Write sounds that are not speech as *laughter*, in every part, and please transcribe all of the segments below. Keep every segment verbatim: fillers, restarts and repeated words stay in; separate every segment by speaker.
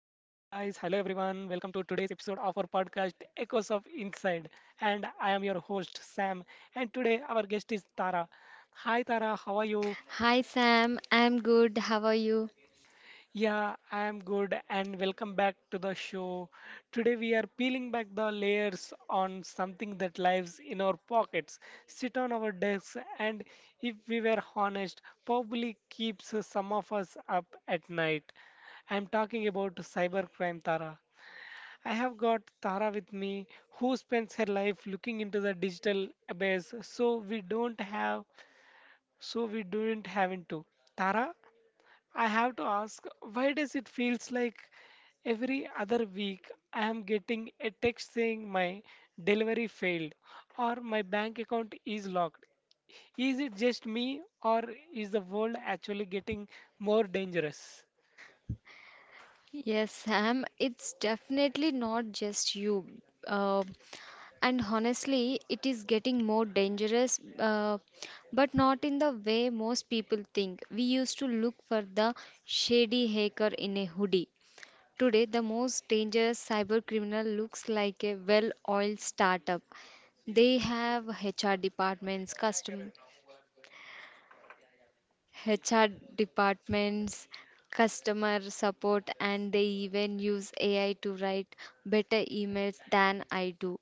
Speaker 1: of our podcast, Echoes of Inside. And I am your host, Sam. And today, our guest is Tara. Hi, Tara. How are you?
Speaker 2: Hi Sam, I'm good. How are you?
Speaker 1: Yeah, I am good and welcome back to the show. Today we are peeling back the layers on something that lives in our pockets, sit on our desks, and if we were honest, probably keeps some of us up at night. I'm talking about cybercrime Tara. I have got Tara with me who spends her life looking into the digital abyss so we don't have so we don't having to. Tara, I have to ask, why does it feels like every other week I am getting a text saying my delivery failed or my bank account is locked? Is it just me or is the world actually getting more dangerous?
Speaker 2: Yes, Sam, it's definitely not just you. Uh, and honestly, it is getting more dangerous, uh, but not in the way most people think. We used to look for the shady hacker in a hoodie. Today, the most dangerous cyber criminal looks like a well oiled startup. They have H R departments, custom H R departments, customer support, and they even use A I to write better emails than I do.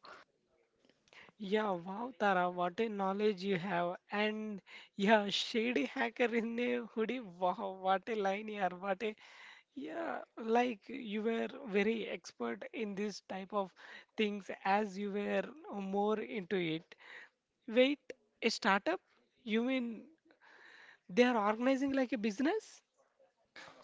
Speaker 1: Yeah, wow, Tara, what a knowledge you have. And yeah, shady hacker in a hoodie. Wow, what a line here, what a. Yeah, like you were very expert in this type of things as you were more into it. Wait, a startup? You mean they are organizing like a business?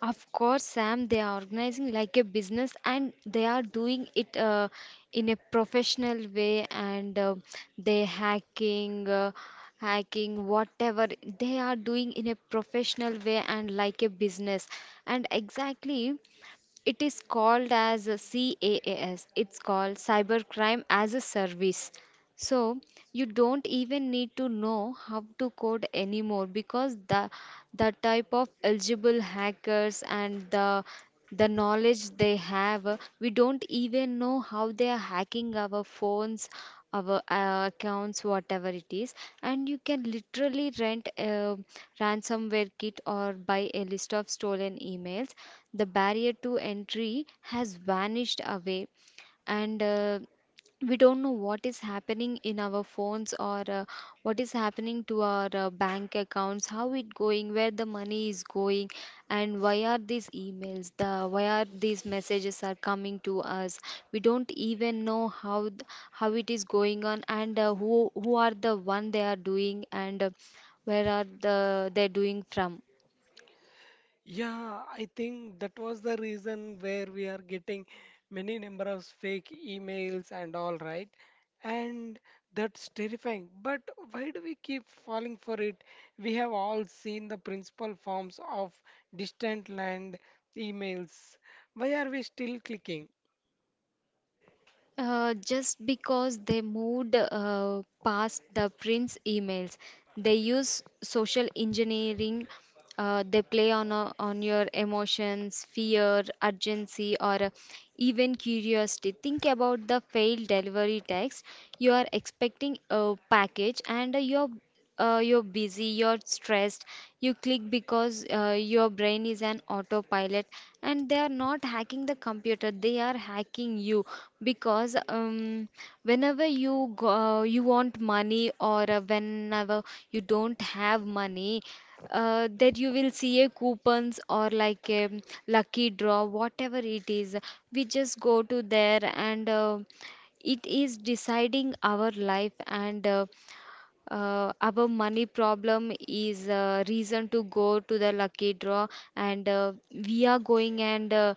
Speaker 2: Of course, Sam, they are organizing like a business and they are doing it uh, in a professional way and uh, they hacking. Uh, hacking whatever they are doing in a professional way and like a business and exactly it is called as a CAAS. It's called Cybercrime as a Service. So you don't even need to know how to code anymore because the the type of eligible hackers and the the knowledge they have, uh, we don't even know how they are hacking our phones, our uh, accounts, whatever it is. And you can literally rent a ransomware kit or buy a list of stolen emails, the barrier to entry has vanished away, and uh, we don't know what is happening in our phones or uh, what is happening to our uh, bank accounts, how it going, where the money is going, and why are these emails, the why are these messages are coming to us. We don't even know how th- how it is going on, and uh, who who are the one they are doing, and uh, where are the they're doing from.
Speaker 1: Yeah, I think that was the reason where we are getting many number of fake emails and all right. And that's terrifying. But why do we keep falling for it? We have all seen the principal forms of distant land emails. Why are we still clicking?
Speaker 2: Uh, just because they moved uh, past the print's emails, they use social engineering. Uh, they play on uh, on your emotions, fear, urgency, or uh, even curiosity. Think about the failed delivery text. You are expecting a package, and uh, you're uh, you're busy, you're stressed. You click because uh, your brain is an autopilot, and they are not hacking the computer. They are hacking you because um, whenever you go, you want money, or uh, whenever you don't have money, uh, that you will see a coupons or like a lucky draw, whatever it is. We just go to there, and uh, it is deciding our life, and uh, uh, our money problem is a reason to go to the lucky draw, and uh, we are going, and uh,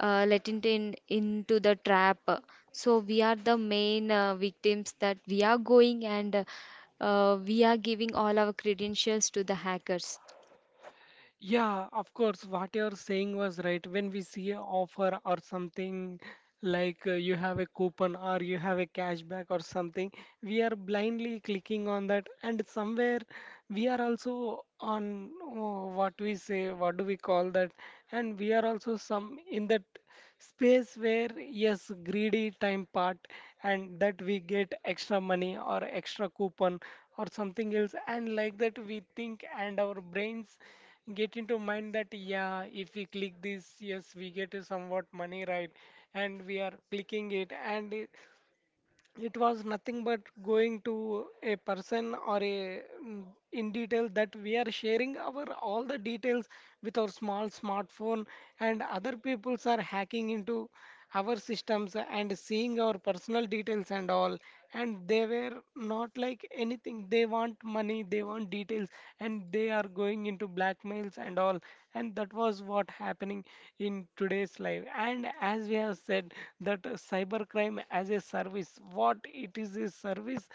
Speaker 2: uh, let it in into the trap. So we are the main uh, victims that we are going, and uh, we are giving all our credentials to the hackers.
Speaker 1: Yeah, of course, what you're saying was right. When we see an offer or something like uh, you have a coupon or you have a cashback or something, we are blindly clicking on that, and somewhere we are also on oh, what we say, what do we call that? And we are also some in that space where, yes, greedy time part, and that we get extra money or extra coupon or something else, and like that we think, and our brains get into mind that yeah if we click this yes we get a somewhat money right and we are clicking it and it, it was nothing but going to a person or a mm, in detail that we are sharing our all the details with our small smartphone and other peoples are hacking into our systems and seeing our personal details and all and they were not like anything they want money they want details and they are going into blackmails and all and that was what happening in today's life and as we have said that uh, cybercrime as a service what it is a service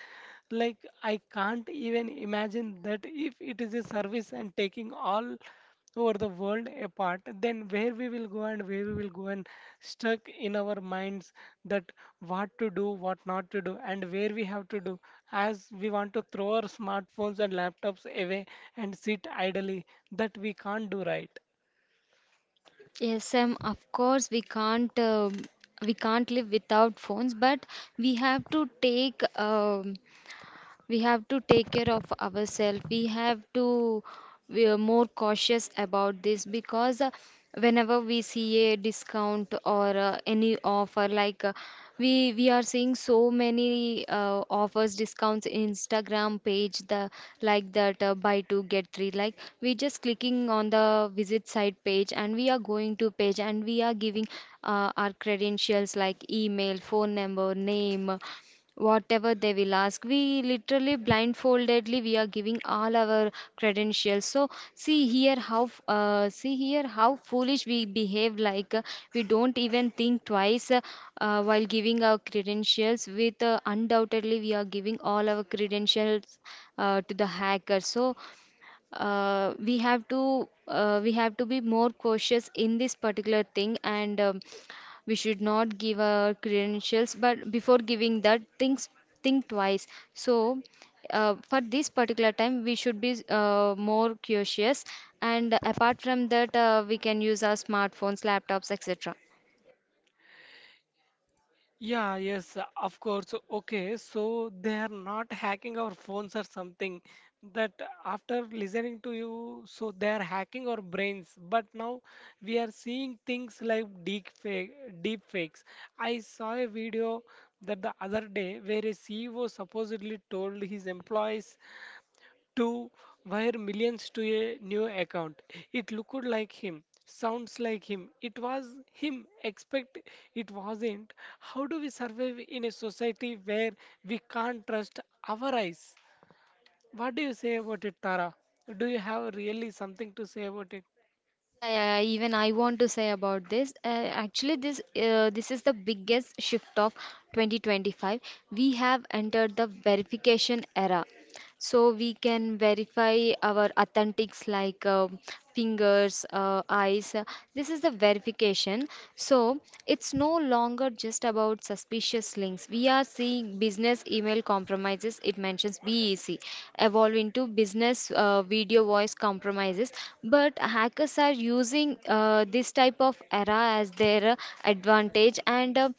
Speaker 1: like I can't even imagine that if it is a service and taking all over the world apart, then where we will go and where we will go and stuck in our minds that what to do, what not to do, and where we have to do, as we want to throw our smartphones and laptops away and sit idly, that we can't do right.
Speaker 2: Yes, um, of course we can't, um, we can't live without phones, but we have to take, um, we have to take care of ourselves. We have to, we are more cautious about this because uh, whenever we see a discount or uh, any offer, like uh, we we are seeing so many uh, offers discounts in instagram page, the like that uh, buy two get three, like we just clicking on the visit site page and we are going to page and we are giving uh, our credentials like email phone number name, whatever they will ask, we literally blindfoldedly we are giving all our credentials. So see here how uh, see here how foolish we behave, like uh, we don't even think twice, uh, uh, while giving our credentials with uh, undoubtedly we are giving all our credentials uh, to the hacker. So uh, we have to uh, we have to be more cautious in this particular thing, and um, we should not give our credentials, but before giving that things, think twice. So uh, for this particular time we should be uh, more cautious, and apart from that uh, we can use our smartphones laptops etc.
Speaker 1: Yeah, yes, uh, of course. Okay, so they are not hacking our phones or something. That after listening to you, so they are hacking our brains. But now we are seeing things like deep fake, deep fakes. I saw a video that the other day where a C E O supposedly told his employees to wire millions to a new account. It looked like him, sounds like him, it was him, expect it wasn't. How do we survive in a society where we can't trust our eyes? What do you say about it, Tara? Do you have really something to say about it?
Speaker 2: Yeah, yeah, yeah, even I want to say about this. Uh, actually, this uh, this is the biggest shift of twenty twenty-five. We have entered the verification era. So we can verify our authentics like uh, fingers, uh, eyes. This is the verification. So it's no longer just about suspicious links. We are seeing business email compromises. It mentions B E C evolve into business uh, video voice compromises. But hackers are using uh, this type of error as their uh, advantage, and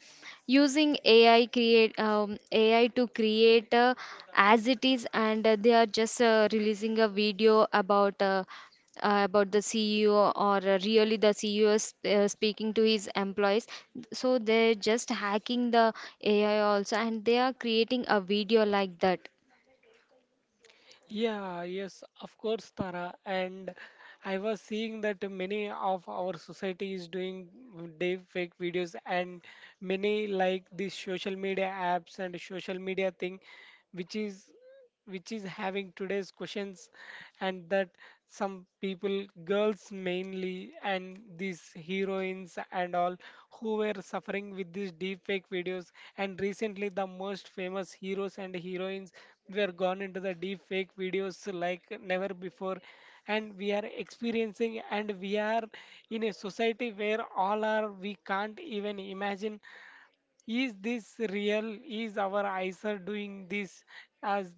Speaker 2: uh, using AI create um, A I to create uh, as it is, and uh, they are just uh, releasing a video about. Uh, uh, about the C E O, or uh, really the C E O is uh, speaking to his employees. So they're just hacking the A I also, and they are creating a video like that.
Speaker 1: Yeah, yes, of course, Tara. And I was seeing that many of our society is doing deep fake videos, and many like these social media apps and social media thing, which is which is having today's questions, and that some people, girls mainly, and these heroines and all who were suffering with these deep fake videos. And recently, the most famous heroes and heroines. We are gone into the deep fake videos like never before, and we are experiencing, and we are in a society where all are we can't even imagine is this real? Is our eyes are doing this as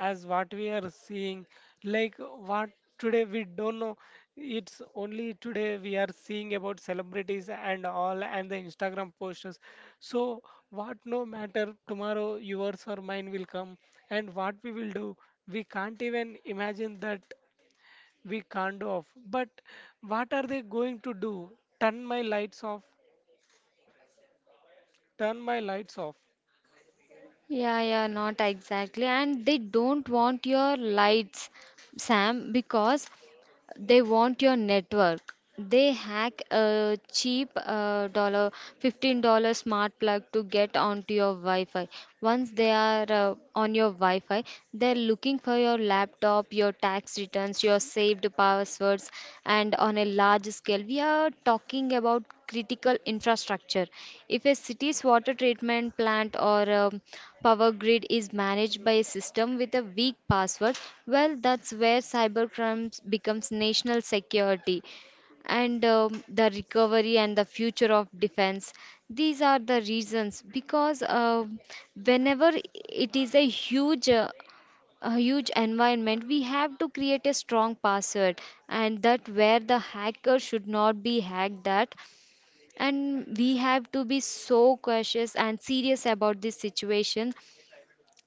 Speaker 1: as what we are seeing? Like what today we don't know. It's only today we are seeing about celebrities and all and the Instagram posters. So what no matter tomorrow yours or mine will come and what we will do, we can't even imagine that we can't do off. But what are they going to do? Turn my lights off, Turn my lights off.
Speaker 2: Yeah, yeah, not exactly. And they don't want your lights, Sam, because they want your network. They hack a cheap uh, dollar, fifteen dollars smart plug to get onto your Wi-Fi. Once they are uh, on your Wi-Fi, they're looking for your laptop, your tax returns, your saved passwords. And on a large scale, we are talking about critical infrastructure. If a city's water treatment plant or um, power grid is managed by a system with a weak password, well, that's where cybercrime becomes national security, and um, the recovery and the future of defense, these are the reasons because um whenever it is a huge uh, a huge environment, we have to create a strong password, and that where the hacker should not be hacked that. And we have to be so cautious and serious about this situation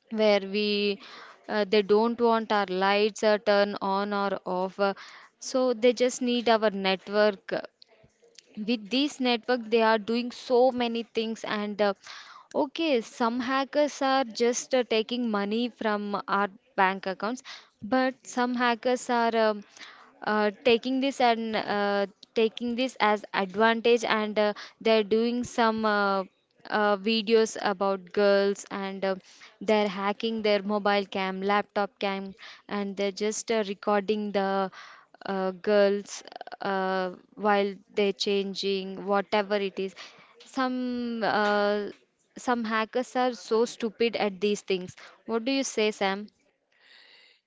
Speaker 2: where we, uh, they don't want our lights uh, turn on or off. Uh, so they just need our network. With this network they are doing so many things, and uh, okay, some hackers are just uh, taking money from our bank accounts, but some hackers are um, uh, taking this, and uh, taking this as advantage, and uh, they're doing some uh, uh, videos about girls, and uh, they're hacking their mobile cam laptop cam, and they're just uh, recording the uh, girls uh, while they're changing, whatever it is. Some uh, some hackers are so stupid at these things. What do you say, Sam?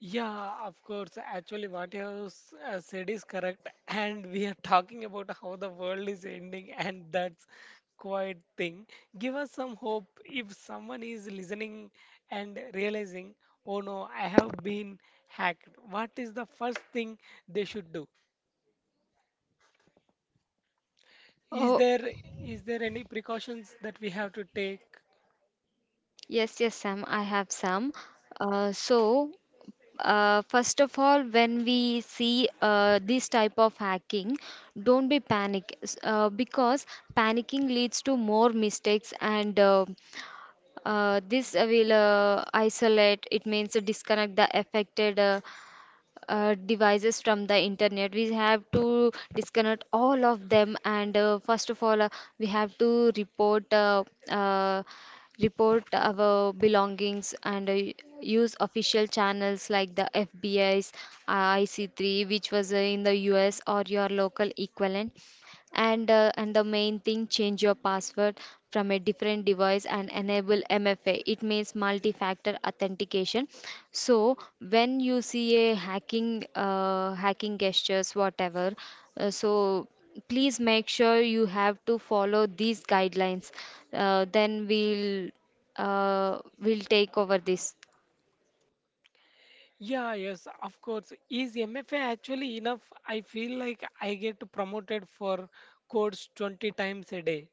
Speaker 1: Yeah, of course. Actually, what you have s- uh, said is correct. *laughs* And we are talking about how the world is ending, and that's quite thing. Give us some hope if someone is listening and realizing, oh no, I have been hacked. What is the first thing they should do? Is
Speaker 2: Oh,
Speaker 1: there is there any precautions that we have to take?
Speaker 2: yes, yes, Sam. I have some. Uh, so. Uh, first of all, when we see uh, this type of hacking, don't be panic, s- uh, because panicking leads to more mistakes, and uh, Uh, this uh, will uh, isolate, it means to disconnect the affected uh, uh, devices from the internet. We have to disconnect all of them, and uh, first of all, uh, we have to report uh, uh, report our belongings, and uh, use official channels like the F B I's I C three, which was uh, in the U S or your local equivalent, and uh, and the main thing, change your password from a different device and enable M F A, it means multi factor authentication. So when you see a hacking uh, hacking gestures, whatever, uh, so please make sure you have to follow these guidelines. Uh, then we'll uh, we'll take over this.
Speaker 1: Yeah, yes, of course. Is M F A actually enough? I feel like I get promoted for codes twenty times a day.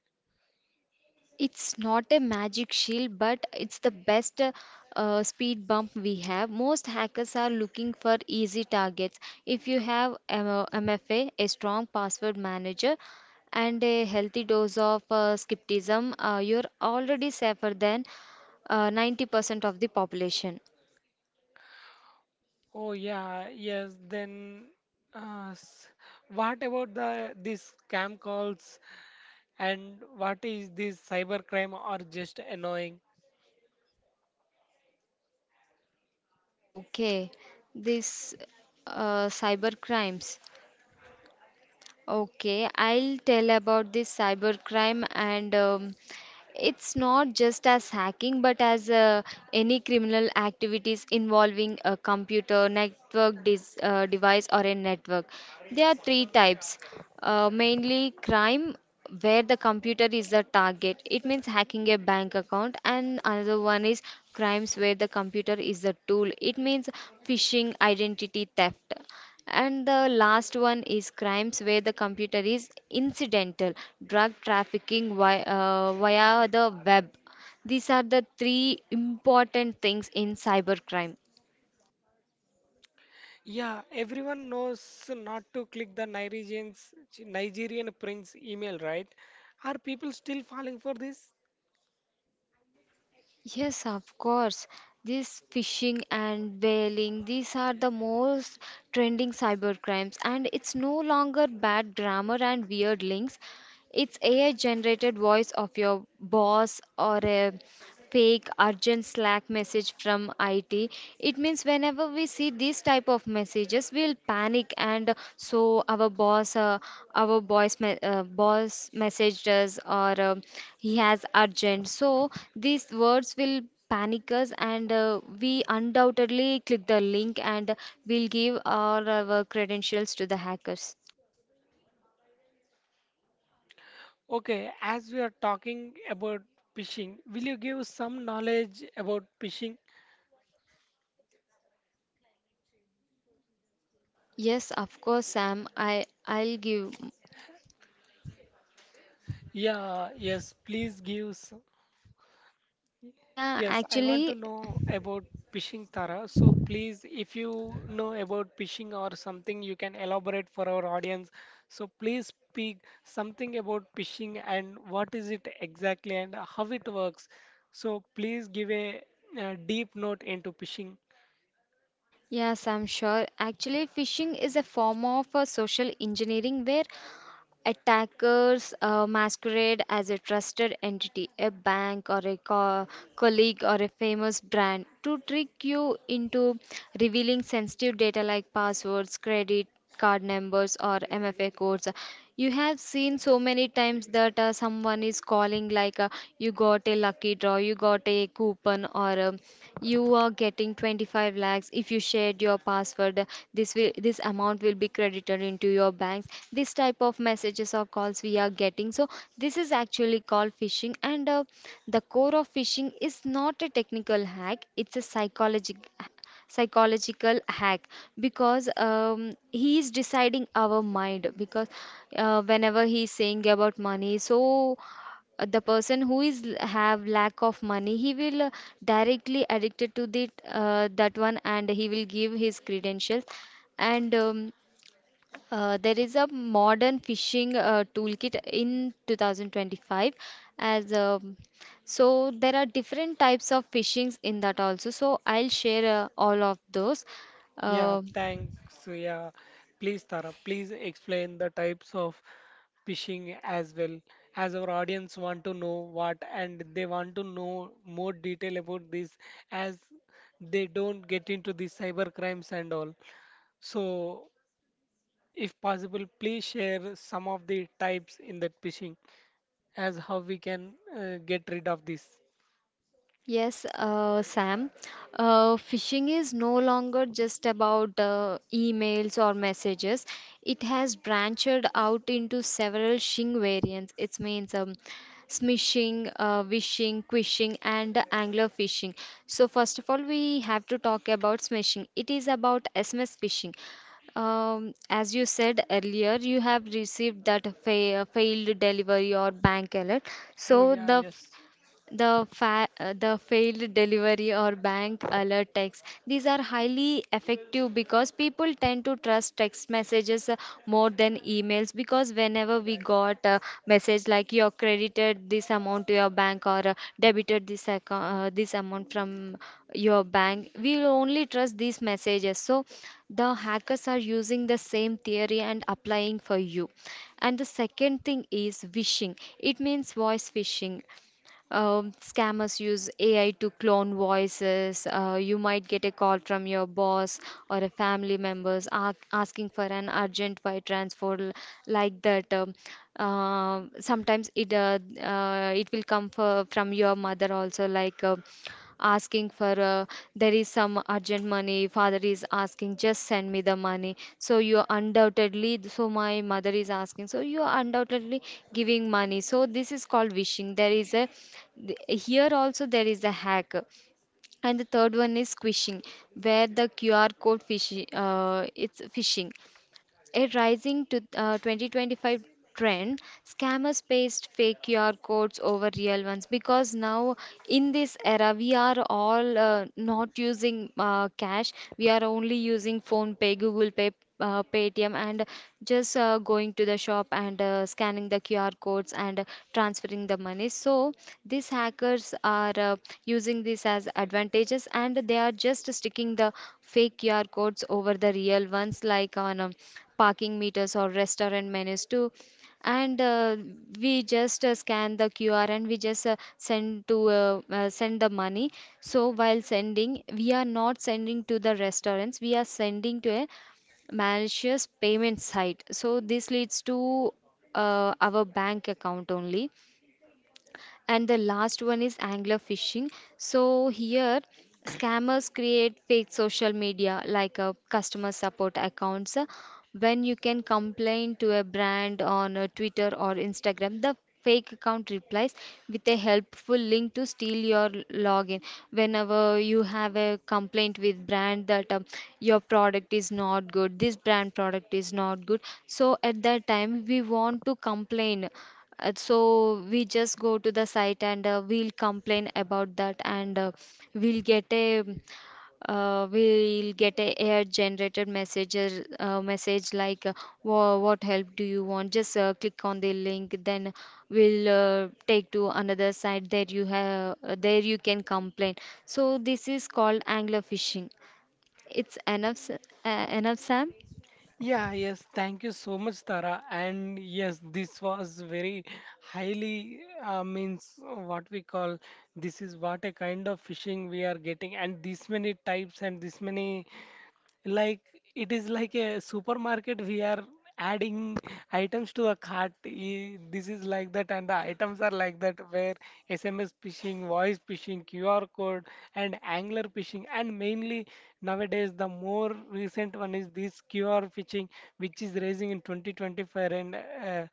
Speaker 2: It's not a magic shield, but it's the best uh, speed bump we have. Most hackers are looking for easy targets. If you have M- MFA, a strong password manager, and a healthy dose of uh, skepticism, uh, you're already safer than uh, ninety percent of the population.
Speaker 1: Oh yeah, yes. Then, uh, s- what about the these scam calls and what is this cybercrime are just annoying?
Speaker 2: Okay, this uh, cyber crimes. Okay, I'll tell about this cybercrime, and um, it's not just as hacking but as uh, any criminal activities involving a computer, network dis uh, device or a network. There are three types. Uh, mainly crime where the computer is the target. It means hacking a bank account. And another one is crimes where the computer is the tool. It means phishing, identity theft. And the last one is crimes where the computer is incidental, drug trafficking via, uh, via the web. These are the three important things in cybercrime.
Speaker 1: Yeah, everyone knows not to click the Nigerian's Nigerian prince email, right? Are people still falling for this?
Speaker 2: Yes, of course. This phishing and bailing, these are the most trending cyber crimes. And it's no longer bad grammar and weird links. It's A I generated voice of your boss or a fake urgent Slack message from I T. It means whenever we see these type of messages, we'll panic, and so our boss, uh, our boss, me- uh, boss messaged us or um, he has urgent. So these words will panic us, and uh, we undoubtedly click the link and we'll give all our credentials to the hackers.
Speaker 1: Okay, as we are talking about phishing, will you give some knowledge about phishing?
Speaker 2: Yes, of course, Sam. I I'll give.
Speaker 1: Yeah, yes, please give. s-
Speaker 2: Yeah,
Speaker 1: Yes, I want to
Speaker 2: actually,
Speaker 1: know about phishing, Tara. So please, if you know about phishing or something, you can elaborate for our audience. So please speak something about phishing and what is it exactly and how it works. So please give a, uh deep note into phishing.
Speaker 2: yes, I'm sure. Actually, phishing is a form of uh, social engineering where attackers uh, masquerade as a trusted entity, a bank or a co- colleague or a famous brand, to trick you into revealing sensitive data like passwords, credit card numbers, or M F A codes. You have seen so many times that uh, someone is calling, like uh, you got a lucky draw, you got a coupon, or um, you are getting twenty-five lakhs if you shared your password. This will this amount will be credited into your bank, this type of messages or calls we are getting. So this is actually called phishing, and uh, the core of phishing is not a technical hack; it's a psychological psychological hack because um, he is deciding our mind because uh, whenever he is saying about money so uh, the person who is l- have lack of money he will uh, directly addicted to the uh, that one and he will give his credentials and um, uh, there is a modern phishing uh, toolkit in two thousand twenty-five as um so there are different types of phishings in that also. So I'll share uh, all of those.
Speaker 1: Yeah,
Speaker 2: Um
Speaker 1: thanks. Yeah, please, Tara, please explain the types of phishing as well, as our audience want to know what and they want to know more detail about this as they don't get into the cyber crimes and all. So, if possible, please share some of the types in that phishing as how we can uh, get rid of this.
Speaker 2: Yes, uh, Sam. Uh, phishing is no longer just about uh, emails or messages. It has branched out into several shing variants. It means um, smishing, uh, wishing, quishing, and angler phishing. So first of all, we have to talk about smishing. It is about S M S phishing. Um, as you said earlier, you have received that fa failed delivery or bank error.
Speaker 1: Oh,
Speaker 2: So
Speaker 1: yeah,
Speaker 2: the
Speaker 1: yes.
Speaker 2: the fa- uh, the failed delivery or bank alert text, these are highly effective because people tend to trust text messages uh, more than emails, because whenever we got a message like you credited this amount to your bank, or uh, debited this account, uh, this amount from your bank, we'll only trust these messages. So the hackers are using the same theory and applying for you. And the second thing is phishing, it means voice phishing. Um, scammers use A I to clone voices. Uh, you might get a call from your boss or a family members a- asking for an urgent wire transfer l- like that. Um, uh, sometimes it uh, uh, it will come for, from your mother also, like. Uh, asking for uh, there is some urgent money, father is asking, just send me the money, so you are undoubtedly, so my mother is asking, so you are undoubtedly giving money. So this is called wishing, there is a th- here also there is a hack. And the third one is squishing, where the qr code fish, uh, it's phishing, a rising to, uh, twenty twenty-five trend, scammers paste fake Q R codes over real ones because now in this era we are all uh, not using uh, cash. We are only using phone pay, Google Pay, uh, Paytm, and just uh, going to the shop and uh, scanning the Q R codes and uh, transferring the money. So this hack hackers are uh, using this as advantages and they are just sticking the fake Q R codes over the real ones, like on um, parking meters or restaurant menus too. And uh, we just uh, scan the Q R and we just uh, send to uh, uh, send the money. So while sending, we are not sending to the restaurants. We are sending to a malicious payment site. So this leads to uh, our bank account only. And the last one is angler phishing. So here scammers create fake social media like a customer support accounts. Uh, when you can complain to a brand on uh, twitter or instagram, the fake account replies with a helpful link to steal your login. Whenever you have a complaint with brand that um, your product is not good, this brand product is not good, so at that time we want to complain. Uh, so we just go to the site and uh, we'll complain about that and uh, we'll get a uh, we'll get a AI generated message uh, message like uh, "Wha- what help do you want, just uh, click on the link, then we'll uh, take to another site, there you have, there you can complain." So this is called angler fishing. It's enough s- uh, enough, Sam.
Speaker 1: Yeah, yes, thank you so much, Tara. And yes, this was very highly uh, means what we call this is what a kind of fishing we are getting, and this many types and this many like it is like a supermarket. We are adding items to a cart. E- This is like that, and the items are like that. Where S M S phishing, voice phishing, Q R code, and angler phishing, and mainly nowadays the more recent one is this Q R phishing, which is raising in twenty twenty-five and. Uh,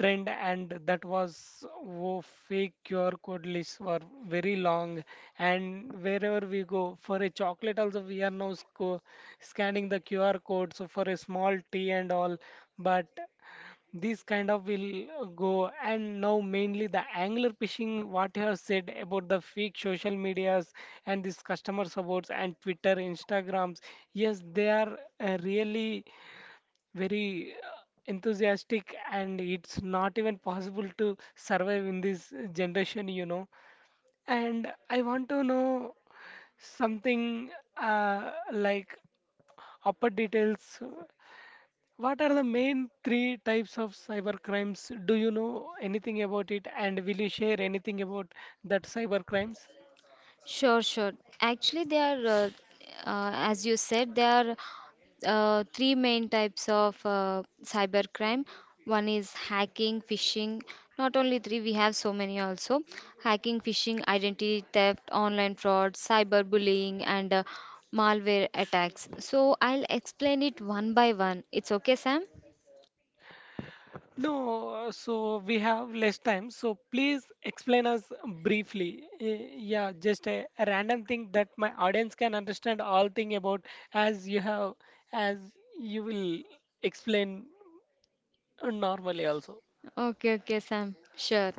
Speaker 1: trend and that was wo fake Q R code lists were very long and wherever we go for a chocolate also we are now sco- scanning the Q R code so for a small tea and all but this kind of will go and now mainly the angler phishing what you have said about the fake social medias and this customer supports and twitter instagrams yes they are uh, really very uh, enthusiastic and it's not even possible to survive in this generation you know and I want to know something uh, like upper details what are the main three types of cyber crimes do you know anything about it and will you share anything about that cyber crimes.
Speaker 2: Sure, sure. Actually, they are, uh, uh, as you said, they are uh, three main types of uh, cybercrime. One is hacking, phishing. Not only three, we have so many also. Hacking, phishing, identity theft, online fraud, cyberbullying, and uh, malware attacks. So I'll explain it one by one. It's okay, Sam?
Speaker 1: No, uh, so we have less time, so please explain us briefly. Eh, yeah, just a a random thing that my audience can understand all thing about as you have as you will explain uh, normally also.
Speaker 2: Okay, okay, Sam. Sure.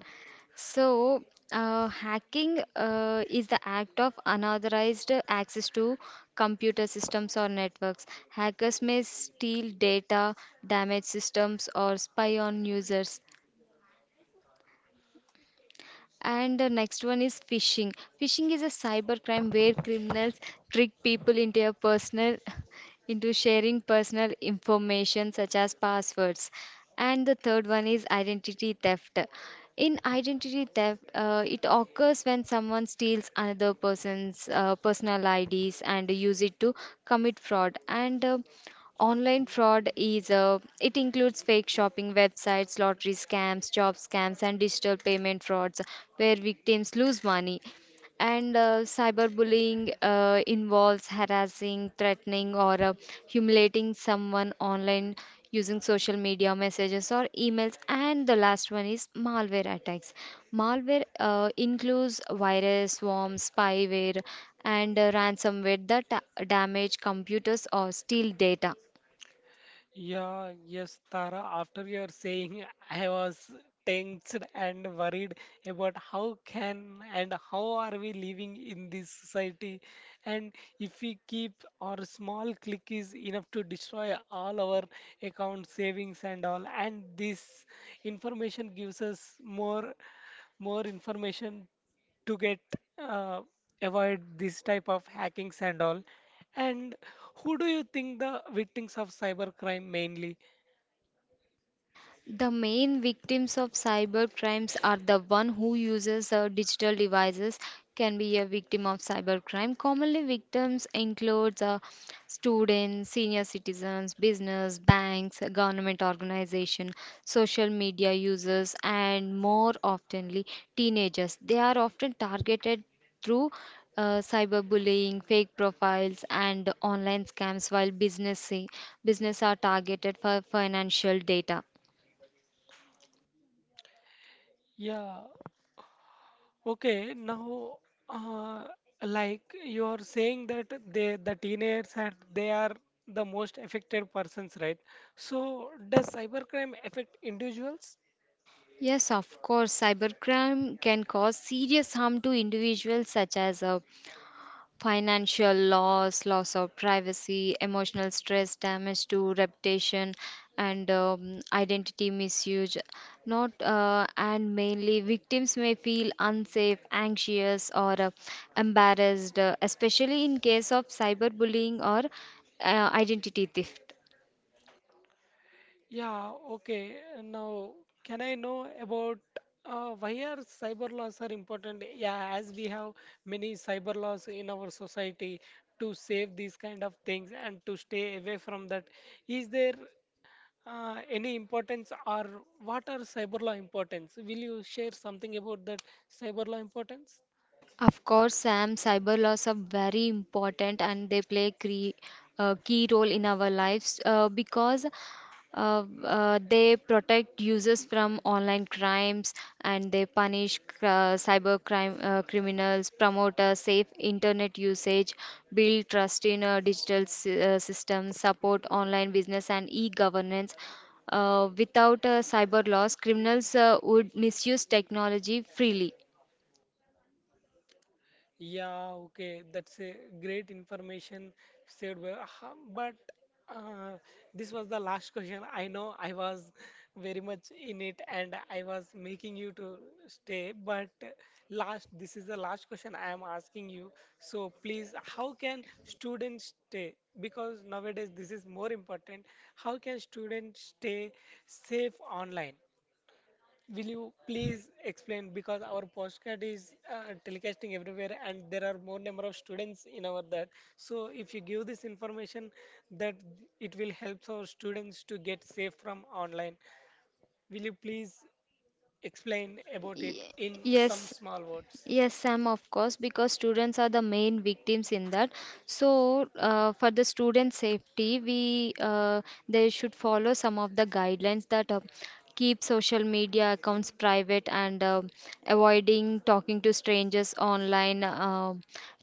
Speaker 2: So, uh, hacking uh, is the act of unauthorized access to computer systems or networks. Hackers may steal data, damage systems, or spy on users. And the next one is phishing. Phishing is a cybercrime where criminals trick people into a personal *laughs* into sharing personal information such as passwords. And the third one is identity theft. In identity theft, uh, it occurs when someone steals another person's uh, personal I Ds and use it to commit fraud. And uh, Online fraud is, uh, it includes fake shopping websites, lottery scams, job scams, and digital payment frauds where victims lose money. And uh, cyberbullying uh, involves harassing, threatening, or uh, humiliating someone online using social media messages or emails. And the last one is malware attacks. Malware uh, includes virus, worms, spyware, and uh, ransomware that da- damage computers or steal data.
Speaker 1: Yeah, yes, Tara, after your saying, I was tensed and worried about how can and how are we living in this society, and if we keep our small click is enough to destroy all our account savings and all, and this information gives us more more information to get uh, avoid this type of hackings and all and who do you think the victims of cybercrime mainly?
Speaker 2: The main victims of cyber crimes are the one who uses uh, digital devices, can be a victim of cyber crime. Commonly, victims include uh, students, senior citizens, business, banks, government organization, social media users, and more oftenly teenagers. They are often targeted through uh, cyberbullying, fake profiles, and online scams, while business business are targeted for financial data.
Speaker 1: Yeah, okay. Now, uh, like you are saying that they, the teenagers, and they are the most affected persons, right? So, does cybercrime affect individuals?
Speaker 2: Yes, of course, cybercrime can cause serious harm to individuals, such as uh, financial loss, loss of privacy, emotional stress, damage to reputation, and um, identity misuse. Not uh, and mainly, victims may feel unsafe, anxious, or uh, embarrassed, uh, especially in case of cyberbullying or uh, identity theft.
Speaker 1: Yeah, okay. Now, can I know about uh, why are cyber laws are important? Yeah, as we have many cyber laws in our society to save these kind of things and to stay away from that. Is there Uh, any importance or what are cyber law importance? Will you share something about that cyber law importance?
Speaker 2: Of course, Sam, cyber laws are very important and they play cre- a key role in our lives uh, because uh, uh, they protect users from online crimes and they punish uh, cyber crime uh, criminals, promote a safe internet usage, build trust in uh, digital sy- uh, systems, support online business and e-governance. Uh, without uh, cyber laws, criminals uh, would misuse technology freely.
Speaker 1: Yeah, okay, that's a great information said. by- ha- But uh, this was the last question. I know I was very much in it and I was making you to stay. But last, this is the last question I am asking you. So please, how can students stay? Because nowadays this is more important. How can students stay safe online? Will you please explain because our postcard is uh, telecasting everywhere and there are more number of students in our that. So if you give this information that it will help our students to get safe from online. Will you please explain about it
Speaker 2: Y-
Speaker 1: in some
Speaker 2: Yes,
Speaker 1: small words?
Speaker 2: Yes, Sam, of course, because students are the main victims in that. So, uh, for the student safety, we uh, they should follow some of the guidelines that, uh, keep social media accounts private, and uh, avoiding talking to strangers online, uh,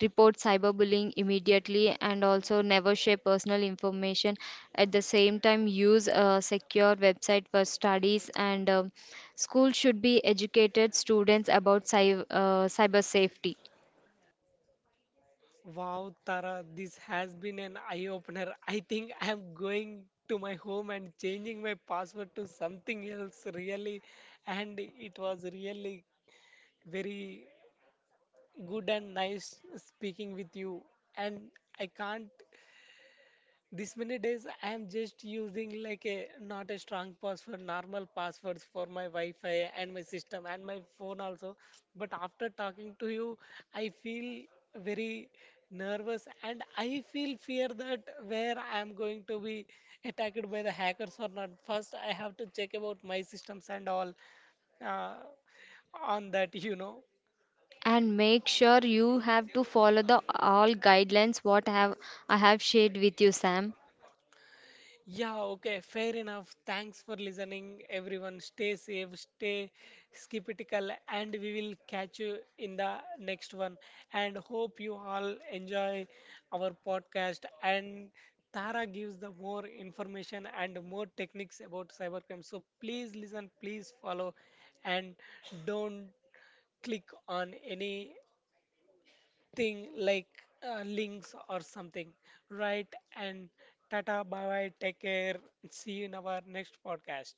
Speaker 2: report cyberbullying immediately, and also never share personal information. At the same time, use a secure website for studies, and uh, Schools should be educated students about cy- uh, cyber safety,
Speaker 1: Wow, Tara, this has been an eye opener. I think I am going to my home and changing my password to something else really and it was really very good and nice speaking with you. And I can't, this many days I am just using like a not a strong password, normal passwords for my Wi-Fi and my system and my phone also. But after talking to you, I feel very nervous and I feel fear that where I am going to be attacked by the hackers or not. First, I have to check about my systems and all uh, on that, you know.
Speaker 2: and make sure you have to follow the all guidelines what have I have shared with you, Sam.
Speaker 1: Yeah, okay, fair enough. Thanks for listening, everyone. Stay safe, stay skeptical, and we will catch you in the next one. And hope you all enjoy our podcast. And Tara gives the more information and more techniques about cybercrime. So please listen, please follow, and don't click on any thing like uh, links or something. Right? And tata, bye bye, take care. See you in our next podcast.